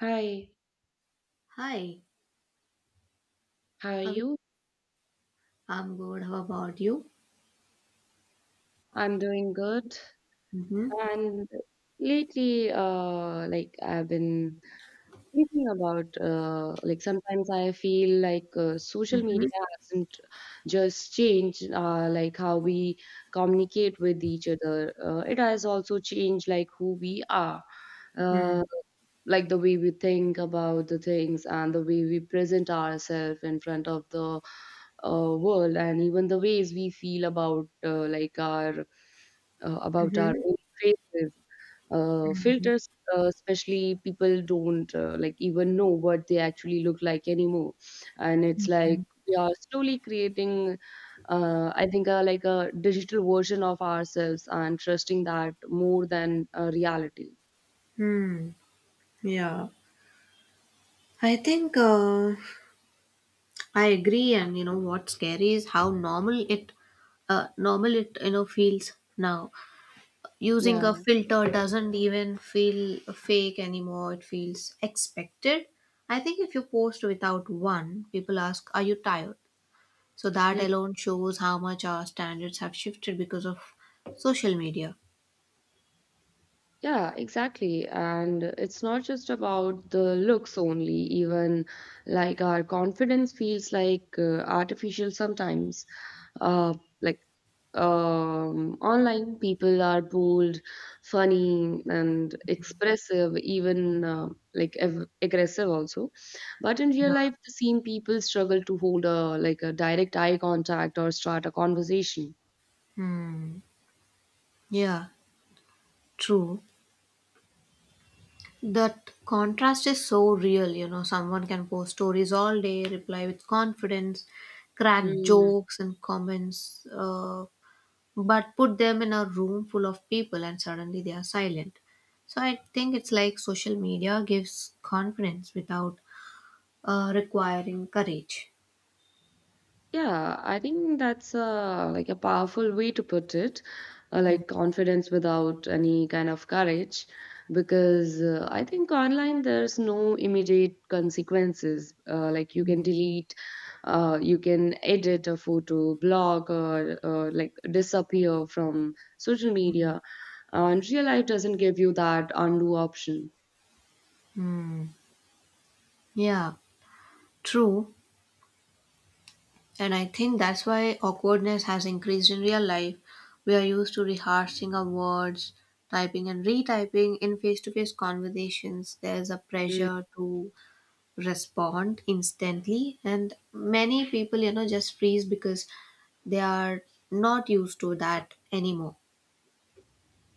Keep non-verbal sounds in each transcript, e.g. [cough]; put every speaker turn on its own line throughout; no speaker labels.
Hi,
Hi,
how are
how are you?
you?
I'm good. How about you?
I'm doing good.
Mm-hmm.
And lately, I've been thinking about, like sometimes I feel like social
Mm-hmm.
media hasn't just changed, like how we communicate with each other. It has also changed like who we are.
Mm-hmm.
Uh, like the way we think about the things and the way we present ourselves in front of the world, and even the ways we feel about like our about our own faces, filters, especially people don't like even know what they actually look like anymore, and it's
Mm-hmm.
like we are slowly creating, I think like a digital version of ourselves and trusting that more than reality.
Hmm. Yeah. I think uh, I agree, and you know what's scary is how normal it feels now. Using a
Yeah.
filter doesn't even feel fake anymore. It feels expected. I think if you post without one, people ask, "Are you tired?" So that
Hmm.
alone shows how much our standards have shifted because of social media.
Yeah, exactly. And it's not just about the looks only, even like our confidence feels like artificial sometimes. Uh, like online, people are bold, funny, and expressive, even like aggressive also. But in real
Yeah.
life, the same people struggle to hold a like a direct eye contact or start a conversation.
Hmm. Yeah, true. That contrast is so real. You know, someone can post stories all day, reply with confidence, crack
Hmm.
jokes and but put them in a room full of people and suddenly they are silent. So I think it's like social media gives confidence without requiring courage.
Yeah, I think that's a like a powerful way to put it, like confidence without any kind of courage, because I think online there's no immediate consequences. Like you can delete, you can edit a photo, blog, or like disappear from social media. And real life doesn't give you that undo option.
Hmm. Yeah, true. And I think that's why awkwardness has increased in real life. We are used to rehearsing our words, typing and retyping in face to face conversations. There's a pressure to respond instantly, and many people, you know, just freeze because they are not used to that anymore.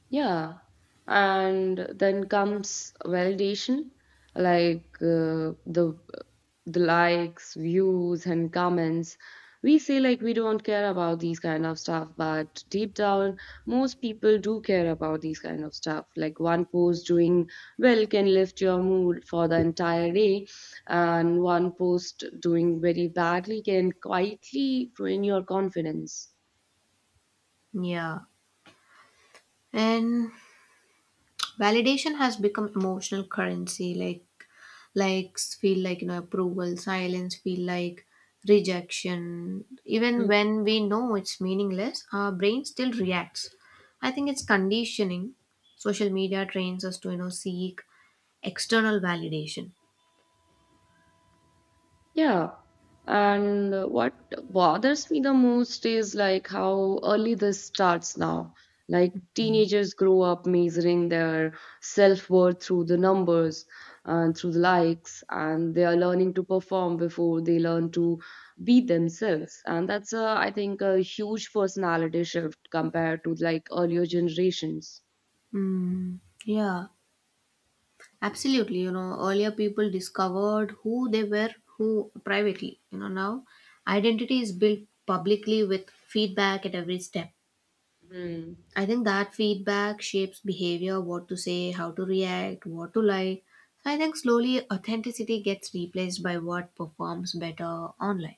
Yeah, and then comes validation, like the likes, views, and comments. We say like we don't care about these kind of stuff, but deep down, most people do care about these kind of stuff. Like one post doing well can lift your mood for the entire day, and one post doing very badly can quietly ruin your confidence.
Yeah. And validation has become emotional currency. Like likes feel like, you know, approval, silence feel like rejection. Even when we know it's meaningless, our brain still reacts. I think it's conditioning. Social media trains us to, you know, seek external validation.
Yeah. And what bothers me the most is like how early this starts now. Like teenagers grow up measuring their self-worth through the numbers and through the likes, and they are learning to perform before they learn to be themselves. And that's a, I think, a huge personality shift compared to like earlier generations.
Mm, yeah, absolutely. You know, earlier people discovered who they were, who privately, you know. Now identity is built publicly with feedback at every step.
Hmm.
I think that feedback shapes behavior, what to say, how to react, what to like. So I think slowly authenticity gets replaced by what performs better online.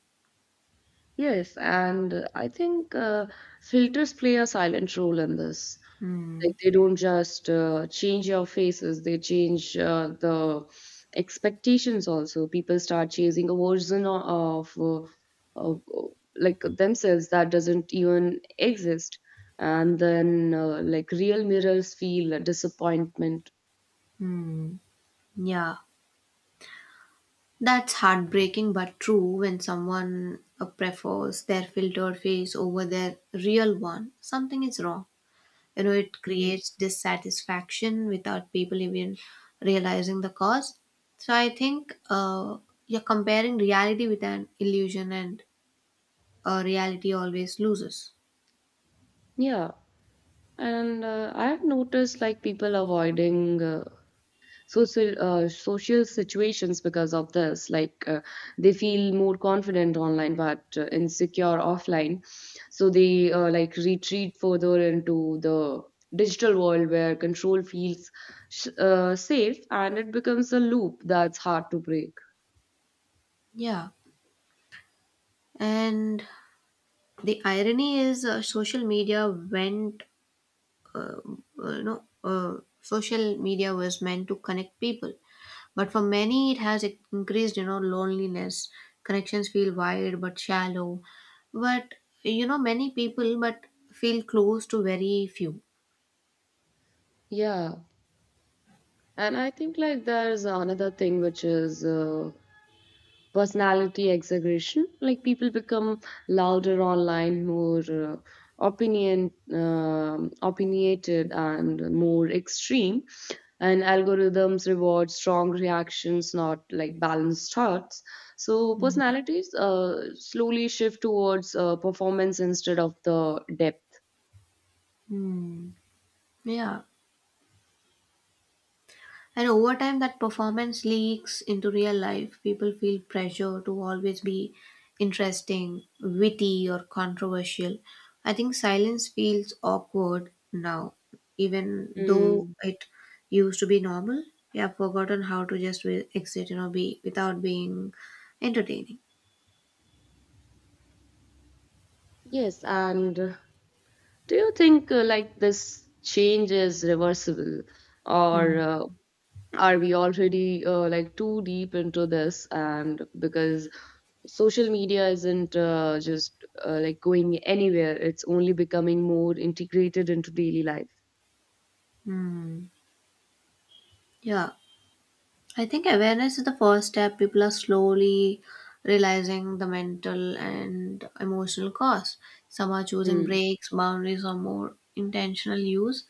Yes, and I think filters play a silent role in this.
Hmm.
Like they don't just change your faces, they change the expectations also. People start chasing a version of like themselves that doesn't even exist. And then like real mirrors feel a disappointment.
Hmm. Yeah. That's heartbreaking but true. When someone prefers their filtered face over their real one, something is wrong. You know, it
Mm.
creates dissatisfaction without people even realizing the cause. So i think uh, you're comparing reality with an illusion, and reality always loses.
Yeah, and I have noticed like people avoiding social situations because of this like they feel more confident online but insecure offline, so they like retreat further into the digital world where control feels safe, and it becomes a loop that's hard to break.
Yeah, and the irony is social media went uh, you know social media was meant to connect people, but for many it has increased, you know, loneliness. Connections feel wide but shallow, but you know many people but feel close to very few.
Yeah, and I think like there's another thing which is personality exaggeration, like people become louder online, more opinionated and more extreme, and algorithms reward strong reactions, not like balanced thoughts. So
Mm.
personalities slowly shift towards performance instead of the depth.
Hmm. Yeah. And over time, that performance leaks into real life. People feel pressure to always be interesting, witty, or controversial. I think silence feels awkward now, even though
Hmm.
it used to be normal. We have forgotten how to just exit, you know, be without being entertaining.
Yes, and do you think like this change is reversible, or
Mm.
are we already like too deep into this? And because social media isn't just like going anywhere, it's only becoming more integrated into daily life.
Mm. Yeah. I think awareness is the first step. People are slowly realizing the mental and emotional cost. Some are choosing
Hmm.
breaks, boundaries, or more intentional use.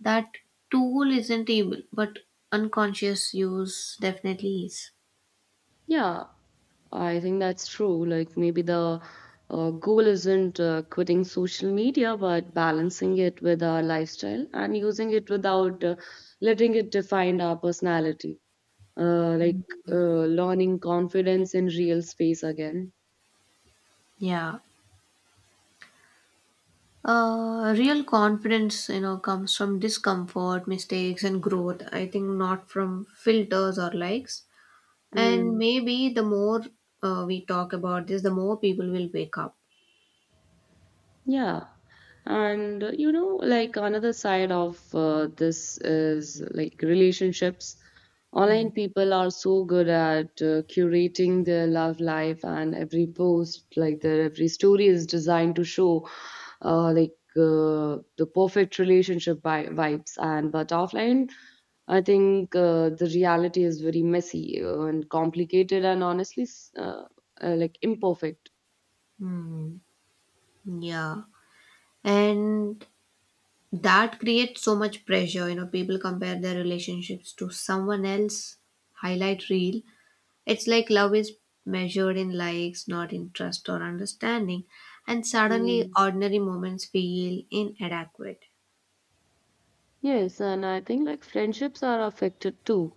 That tool isn't evil, but unconscious use definitely is.
Yeah, I think that's true. Like maybe the goal isn't quitting social media, but balancing it with our lifestyle and using it without letting it define our personality. Uh, like Learning confidence in real space again.
Yeah. Real confidence, you know, comes from discomfort, mistakes, and growth. I think not from filters or likes. And
Hmm.
maybe the more we talk about this, the more people will wake up.
Yeah. And you know, like another side of this is like relationships.
Hmm.
Online people are so good at curating their love life, and every post, like their every story, is designed to show like the perfect relationship vibes. And but offline, I think the reality is very messy and complicated, and honestly, like imperfect.
Hmm. Yeah. And that creates so much pressure. You know, people compare their relationships to someone else highlight reel. It's like love is measured in likes, not in trust or understanding. And suddenly ordinary moments feel inadequate.
Yes, and I think like friendships are affected too.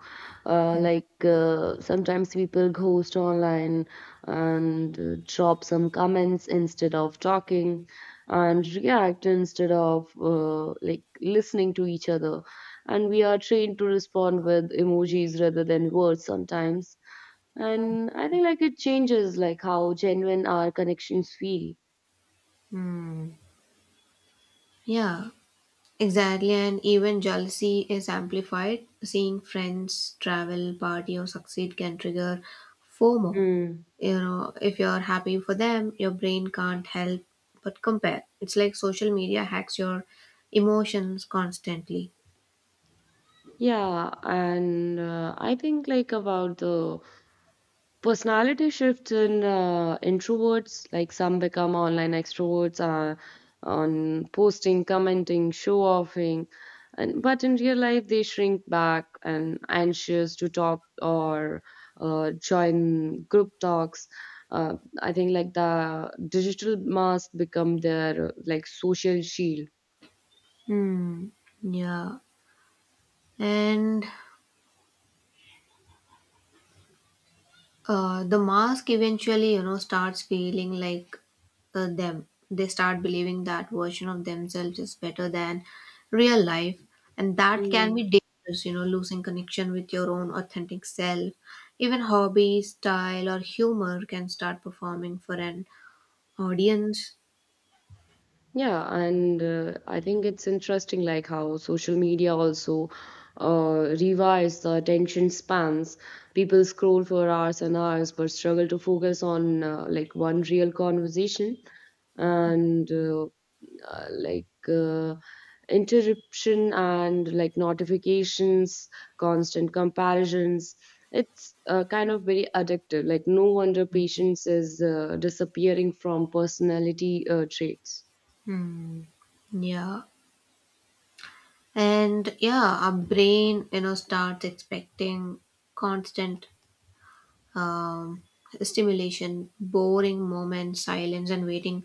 Sometimes people ghost online and drop some comments instead of talking, and react instead of like listening to each other. And we are trained to respond with emojis rather than words sometimes. And I think like it changes like how genuine our connections feel.
Hmm. Yeah. Exactly, and even jealousy is amplified. Seeing friends travel, party, or succeed can trigger FOMO.
Mm.
You know, if you're happy for them, your brain can't help but compare. It's like social media hacks your emotions constantly.
Yeah, and I think like about the personality shifts in introverts, like some become online extroverts on posting, commenting, show offing, and but in real life they shrink back and anxious to talk or join group talks. Uh, I think like the digital mask become their like social shield.
Hmm. Yeah. And the mask eventually, you know, starts feeling like them. They start believing that version of themselves is better than real life, and that can be dangerous, you know, losing connection with your own authentic self. Even hobby, style, or humor can start performing for an audience.
Yeah, and I think it's interesting, like how social media also revives the attention spans. People scroll for hours and hours, but struggle to focus on like one real conversation. And uh, like uh, interruption and like notifications, constant comparisons. It's kind of very addictive. Like no wonder patience is disappearing from personality traits.
Hmm. Yeah. And yeah, our brain, you know, starts expecting constant um, stimulation. Boring moments, silence, and waiting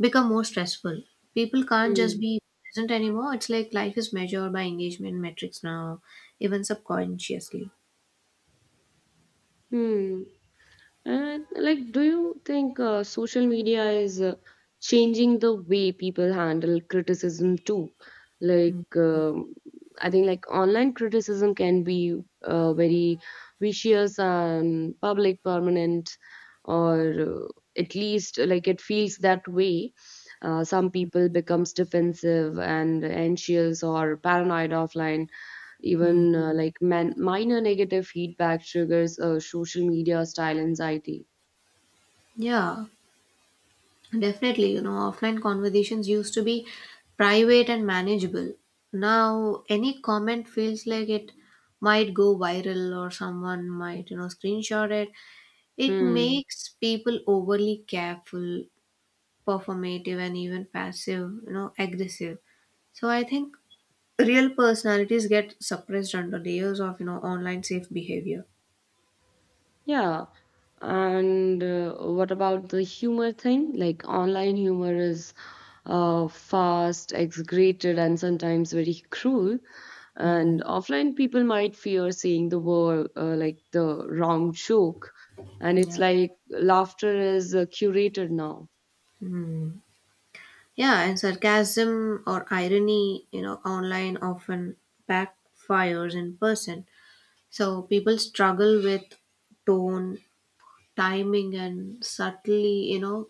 become more stressful. People can't just
Mm.
be present anymore. It's like life is measured by engagement metrics now, even subconsciously.
Mm. And like, do you think social media is changing the way people handle criticism too? Like, um, I think like online criticism can be very vicious and public, permanent, or at least like it feels that way. Some people becomes defensive and anxious or paranoid offline.
Mm.
Even like minor negative feedback triggers social media style anxiety.
Yeah, definitely. You know, offline conversations used to be private and manageable. Now, any comment feels like it might go viral or someone might, you know, screenshot it. It
Hmm.
makes people overly careful, performative, and even passive, you know, aggressive. So I think real personalities get suppressed under layers of, you know, online safe behavior.
Yeah. And what about the humor thing? Like online humor is fast, exaggerated, and sometimes very cruel.
Mm.
And offline people might fear seeing the word like the wrong joke. And it's
Yeah.
like laughter is curated now.
Hmm. Yeah, and sarcasm or irony, you know, online often backfires in person. So people struggle with tone, timing, and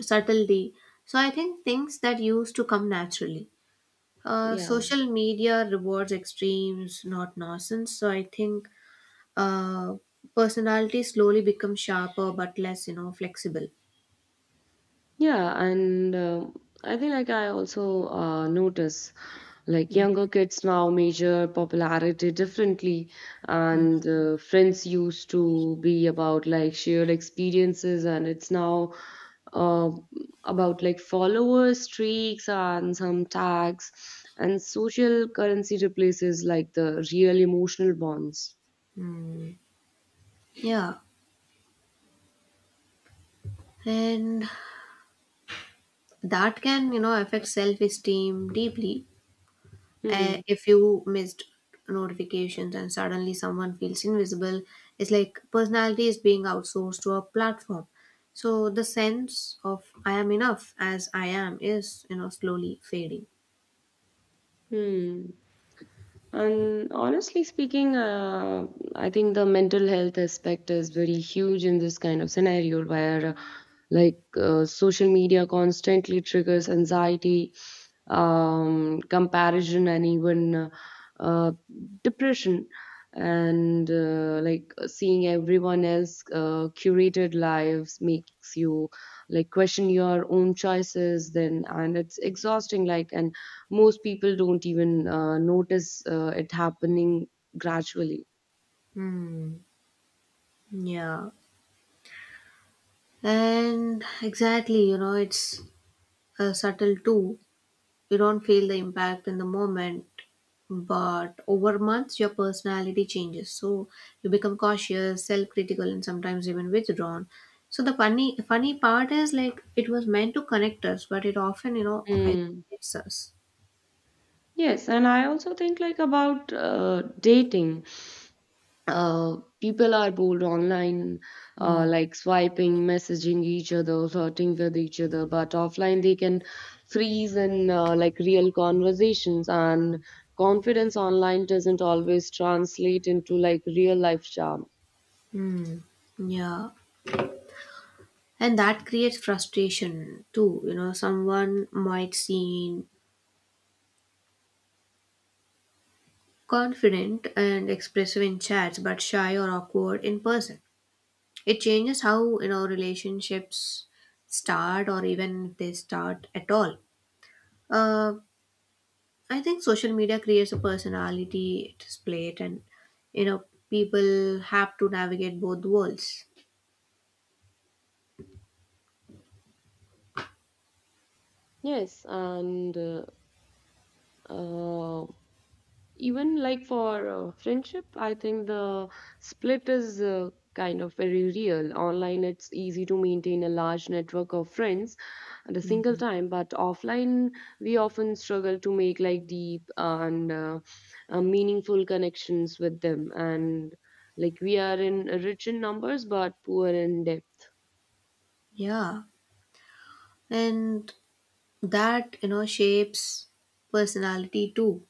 subtlety. So I think things that used to come naturally.
Yeah.
Social media rewards extremes, not nonsense. So I think uh, personality slowly becomes sharper but less, you know, flexible.
Yeah, and I think like I also notice like younger kids now measure popularity differently, and friends used to be about like shared experiences, and it's now uh, about like followers, streaks, and some tags, and social currency replaces like the real emotional bonds.
Mhm. Yeah, and that can, you know, affect self-esteem deeply.
Hmm.
If you missed notifications and suddenly someone feels invisible, it's like personality is being outsourced to a platform. So the sense of I am enough as I am is, you know, slowly fading.
Hmm. And honestly speaking, I think the mental health aspect is very huge in this kind of scenario where, social media constantly triggers anxiety, comparison, and even uh, depression. And like seeing everyone else curated lives makes you like question your own choices. Then and it's exhausting. Like and most people don't even notice it happening gradually.
Hmm. Yeah, and exactly, you know, it's subtle too. You don't feel the impact in the moment, but over months, your personality changes. So you become cautious, self-critical, and sometimes even withdrawn. So the funny part is like it was meant to connect us, but it often, you know,
Mm.
isolates us.
Yes, and I also think like about dating. People are bold online,
Hmm.
like swiping, messaging each other, flirting with each other, but offline they can freeze in like real conversations, and confidence online doesn't always translate into like real life charm.
Hmm. Yeah. And that creates frustration too. You know, someone might seem confident and expressive in chats but shy or awkward in person. It changes how, you know, relationships start or even if they start at all. Uh, i think social media creates a personality display, and, you know, people have to navigate both worlds.
Yes, and uh, even like for friendship I think the split is kind of very real. Online it's easy to maintain a large network of friends at a single
Mhm.
time, but offline we often struggle to make like deep and meaningful connections with them, and like we are in rich in numbers but poor in depth.
Yeah, and that, you know, shapes personality too.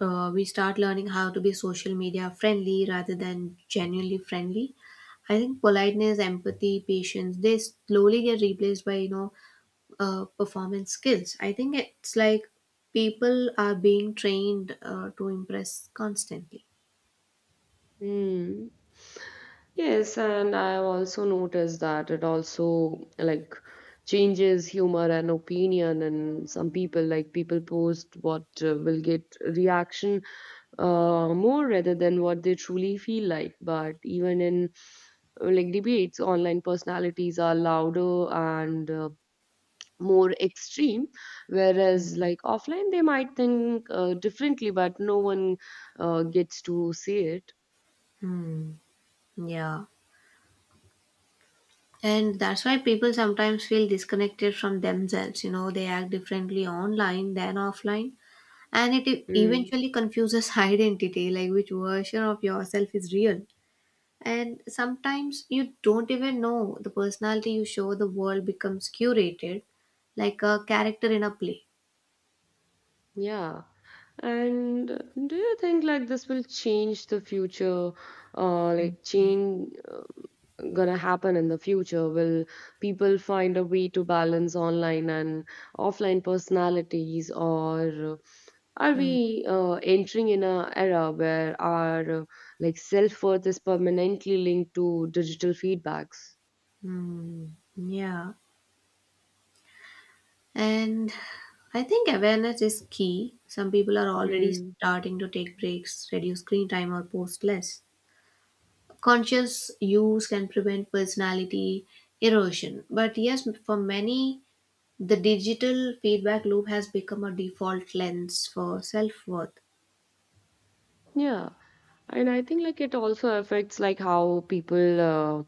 We start learning how to be social media friendly rather than genuinely friendly. I think politeness, empathy, patience, they slowly get replaced by, you know, performance skills. I think it's like people are being trained to impress constantly.
Hmm. Yes, and I have also noticed that it also like changes humor and opinion, and some people like people post what will get reaction more rather than what they truly feel like. But even in like debates, online personalities are louder and more extreme, whereas like offline they might think differently, but no one gets to see it.
Hmm. Yeah. And that's why people sometimes feel disconnected from themselves. You know, they act differently online than offline. And it
Mm.
eventually confuses [laughs] identity, like which version of yourself is real. And sometimes you don't even know the personality you show, the world becomes curated like a character in a play.
Yeah. And do you think like this will change the future, like change gonna happen in the future? Will people find a way to balance online and offline personalities, or are
Mm.
we entering in a era where our like self-worth is permanently linked to digital feedbacks?
Mm. Yeah. And I think awareness is key. Some people are already starting to take breaks, reduce screen time, or post less. Conscious use can prevent personality erosion. But yes, for many, the digital feedback loop has become a default lens for self worth.
Yeah, and I think like it also affects like how people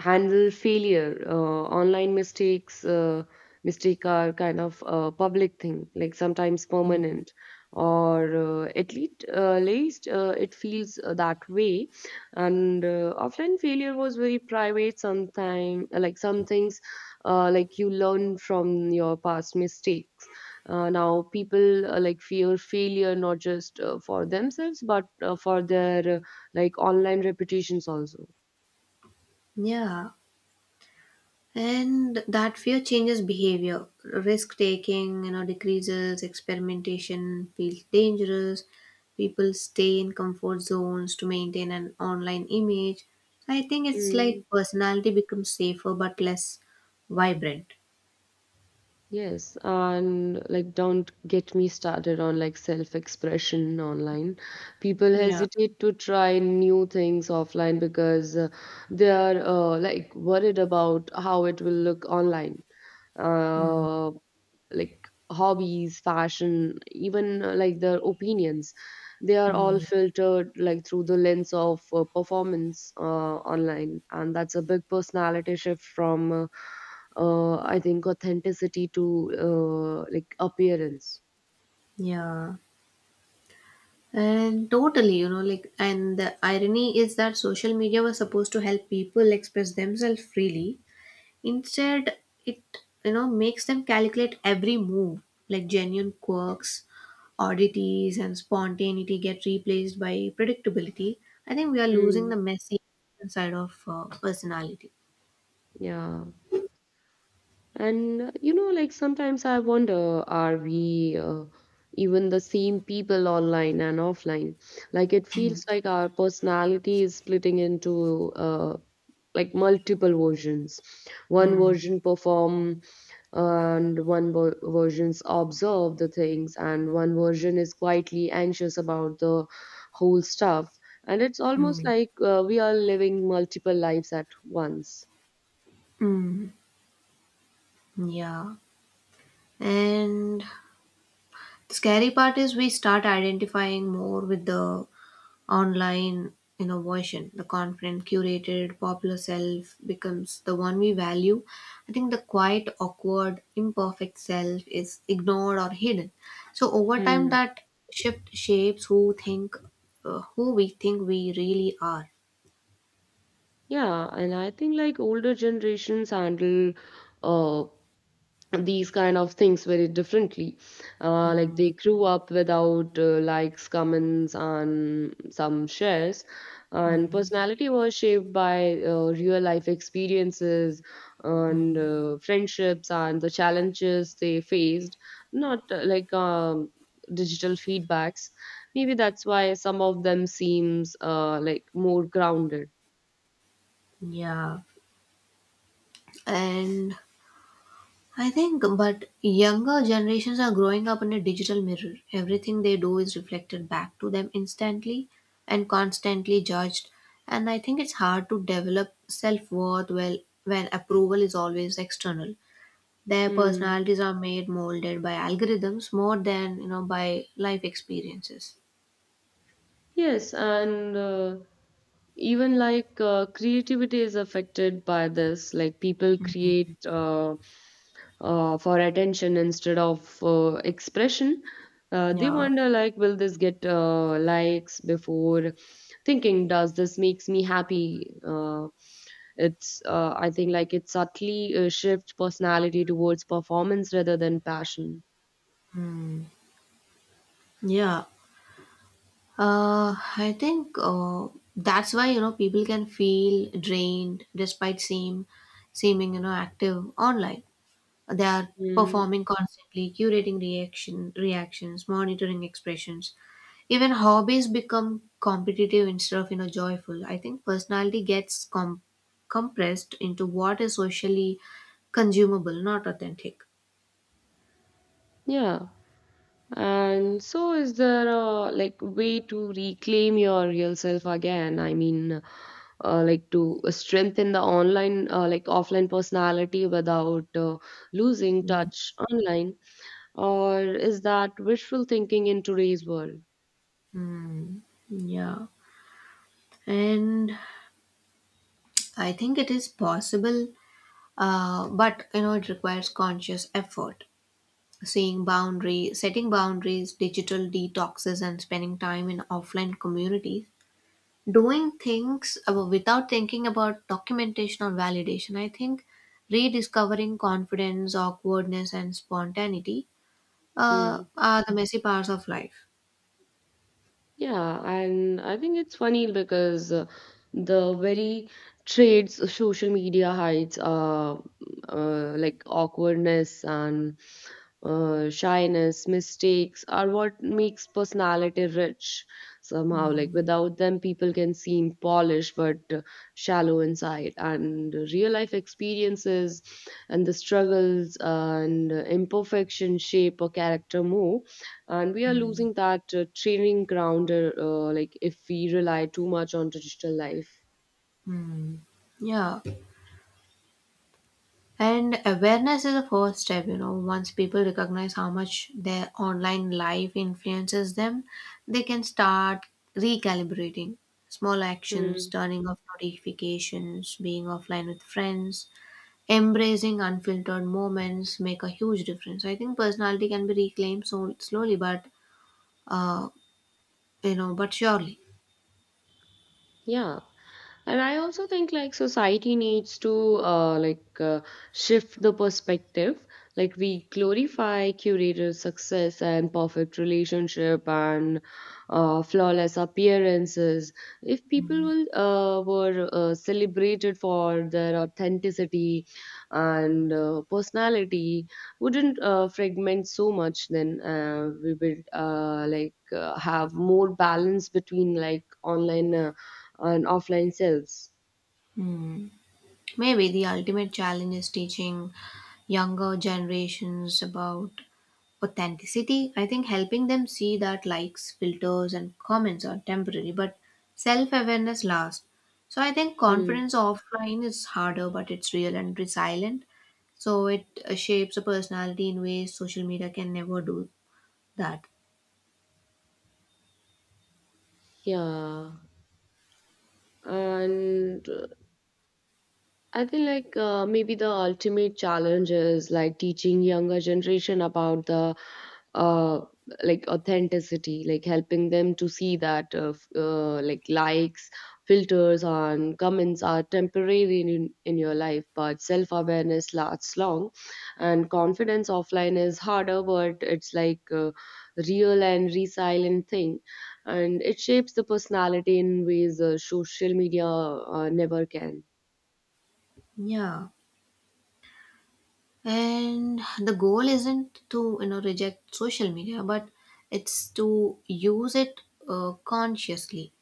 handle failure. Uh, online mistake are kind of a public thing, like sometimes permanent, or at least least it feels that way. And offline failure was very private. Sometimes like some things, like you learn from your past mistakes. Now people like fear failure not just for themselves but for their like online reputations also.
Yeah. And that fear changes behavior. Risk taking, you know, decreases, experimentation feels dangerous. People stay in comfort zones to maintain an online image. So I think it's
Mm.
like personality becomes safer but less vibrant.
Yes, and like don't get me started on like self-expression online. People
Yeah.
hesitate to try new things offline because they are like worried about how it will look online.
Mm.
Uh, like hobbies, fashion, even like their opinions. They are all
Mm.
filtered like through the lens of performance online, and that's a big personality shift from I think authenticity to like appearance.
Yeah. And totally, you know, like, and the irony is that social media was supposed to help people express themselves freely. Instead, it, you know, makes them calculate every move. Like genuine quirks, oddities, and spontaneity get replaced by predictability. I think we are losing
Hmm.
the messy side of personality.
Yeah. And, you know, like sometimes I wonder, are we even the same people online and offline? Like it feels like our personality is splitting into like multiple versions. One
Hmm.
version perform, and one versions observe the things, and one version is quietly anxious about the whole stuff. And it's almost
Hmm.
like we are living multiple lives at once.
Mm. Yeah. And the scary part is we start identifying more with the online innovation. The confident, curated, popular self becomes the one we value. I think the quiet, awkward, imperfect self is ignored or hidden. So over time, that shift shapes who think, who we think we really are.
Yeah, and I think like older generations handle uh, these kind of things very differently. Like
Mm.
they grew up without likes, comments, and some shares, and
Mm.
personality was shaped by real life experiences and
Mm.
friendships and the challenges they faced, not digital feedbacks. Maybe that's why some of them seems like more grounded.
Yeah, and I think, but younger generations are growing up in a digital mirror. Everything they do is reflected back to them instantly and constantly judged. And I think it's hard to develop self worth well when approval is always external. Their
Hmm.
personalities are made molded by algorithms more than, you know, by life experiences.
Yes, and even like creativity is affected by this. Like people create for attention instead of expression. They
Yeah.
wonder like, will this get likes before thinking, does this makes me happy? It's I think like it subtly shifts personality towards performance rather than passion.
Yeah. I think That's why, you know, people can feel drained despite seeming, you know, active online. They are
Mm.
performing constantly, curating reactions, monitoring expressions. Even hobbies become competitive instead of, you know, joyful. I think personality gets compressed into what is socially consumable, not authentic.
Yeah. And so, is there a like way to reclaim your real self again? I mean, like to strengthen the online, like offline personality without losing
Mm.
touch online, or is that wishful thinking in today's world?
Yeah, and I think it is possible. But you know it requires conscious effort. Setting boundaries, digital detoxes, and spending time in offline communities, doing things without thinking about documentation or validation. I think rediscovering confidence, awkwardness, and spontaneity
Hmm.
are the messy parts of life.
Yeah, and I think it's funny because the very traits of social media hides are like awkwardness and shyness, mistakes are what makes personality rich somehow. Like
Mm.
without them, people can seem polished but shallow inside. And real life experiences and the struggles and imperfection shape a character more and we are
Mm.
losing that training ground like if we rely too much on traditional life.
Mm. Yeah. And awareness is the first step, you know. Once people recognize how much their online life influences them, they can start recalibrating. Small actions,
Hmm.
turning off notifications, being offline with friends, embracing unfiltered moments make a huge difference. I think personality can be reclaimed so slowly, but uh, you know, but surely.
Yeah. And I also think like society needs to shift the perspective. Like we glorify curated success and perfect relationship and flawless appearances. If people will, were celebrated for their authenticity and personality, wouldn't fragment so much. Then we would have more balance between like online. And offline sales.
Hmm. Maybe the ultimate challenge is teaching younger generations about authenticity. I think helping them see that likes, filters, and comments are temporary but self-awareness lasts. So I think
Hmm.
confidence offline is harder, but it's real and resilient. So it shapes a personality in ways social media can never do that.
Yeah. And I think like maybe the ultimate challenge is like teaching younger generation about the uh, like authenticity, like helping them to see that like likes, filters, and comments are temporary in your life, but self awareness lasts long, and confidence offline is harder, but it's like a real and resilient thing, and it shapes the personality in ways social media never can.
Yeah, and the goal isn't to, you know, reject social media, but it's to use it consciously,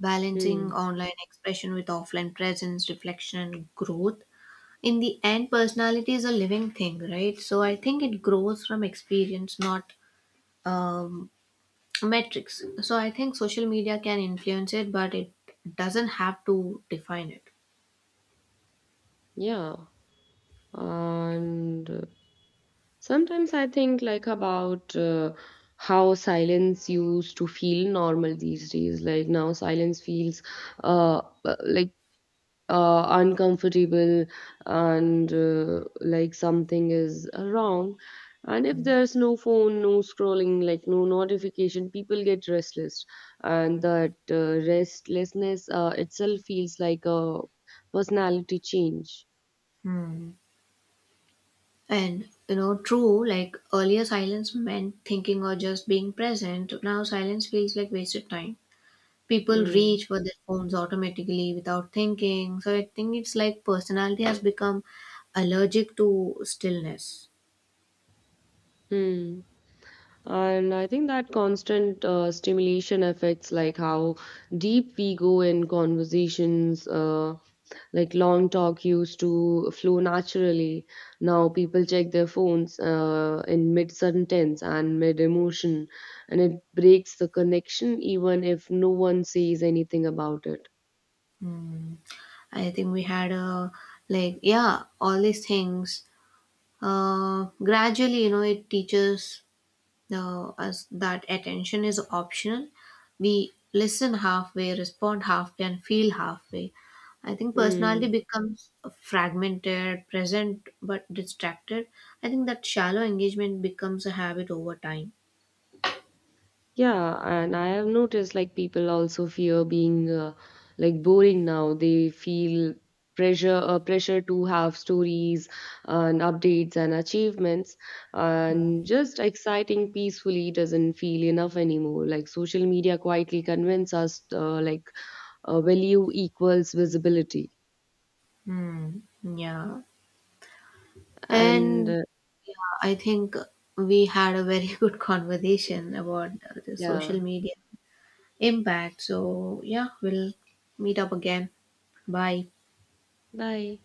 balancing
Hmm.
online expression with offline presence, reflection, and growth. In the end, personality is a living thing, right? So I think it grows from experience, not um, metrics. So I think social media can influence it, but it doesn't have to define it.
Yeah, and sometimes I think like about how silence used to feel normal these days. Like now, silence feels uh, uh, like uncomfortable and like something is wrong. And if there's no phone, no scrolling, like no notification, people get restless, and that restlessness itself feels like a personality change.
Hmm. And you know true, like earlier silence meant thinking or just being present. Now silence feels like wasted time. People
Mm.
reach for their phones automatically without thinking. So I think it's like personality has become allergic to stillness.
Hmm. And I think that constant stimulation affects like how deep we go in conversations. Like long talk used to flow naturally. Now people check their phones in mid sentence and mid emotion, and it breaks the connection even if no one says anything about it.
Hmm. I think we had a like yeah, all these things. Gradually, you know, it teaches us that attention is optional. We listen halfway, respond halfway, and feel halfway. I think personality
Hmm.
becomes fragmented, present but distracted. I think that shallow engagement becomes a habit over time.
Yeah, and I have noticed like people also fear being like boring now. They feel pressure to have stories and updates and achievements and
Mm.
just exciting peacefully doesn't feel enough anymore. Like social media quietly convince us value equals visibility.
Hmm. Yeah.
And
And I think we had a very [laughs] good conversation about the
yeah,
social media impact. So, yeah, we'll meet up again. Bye.
bye.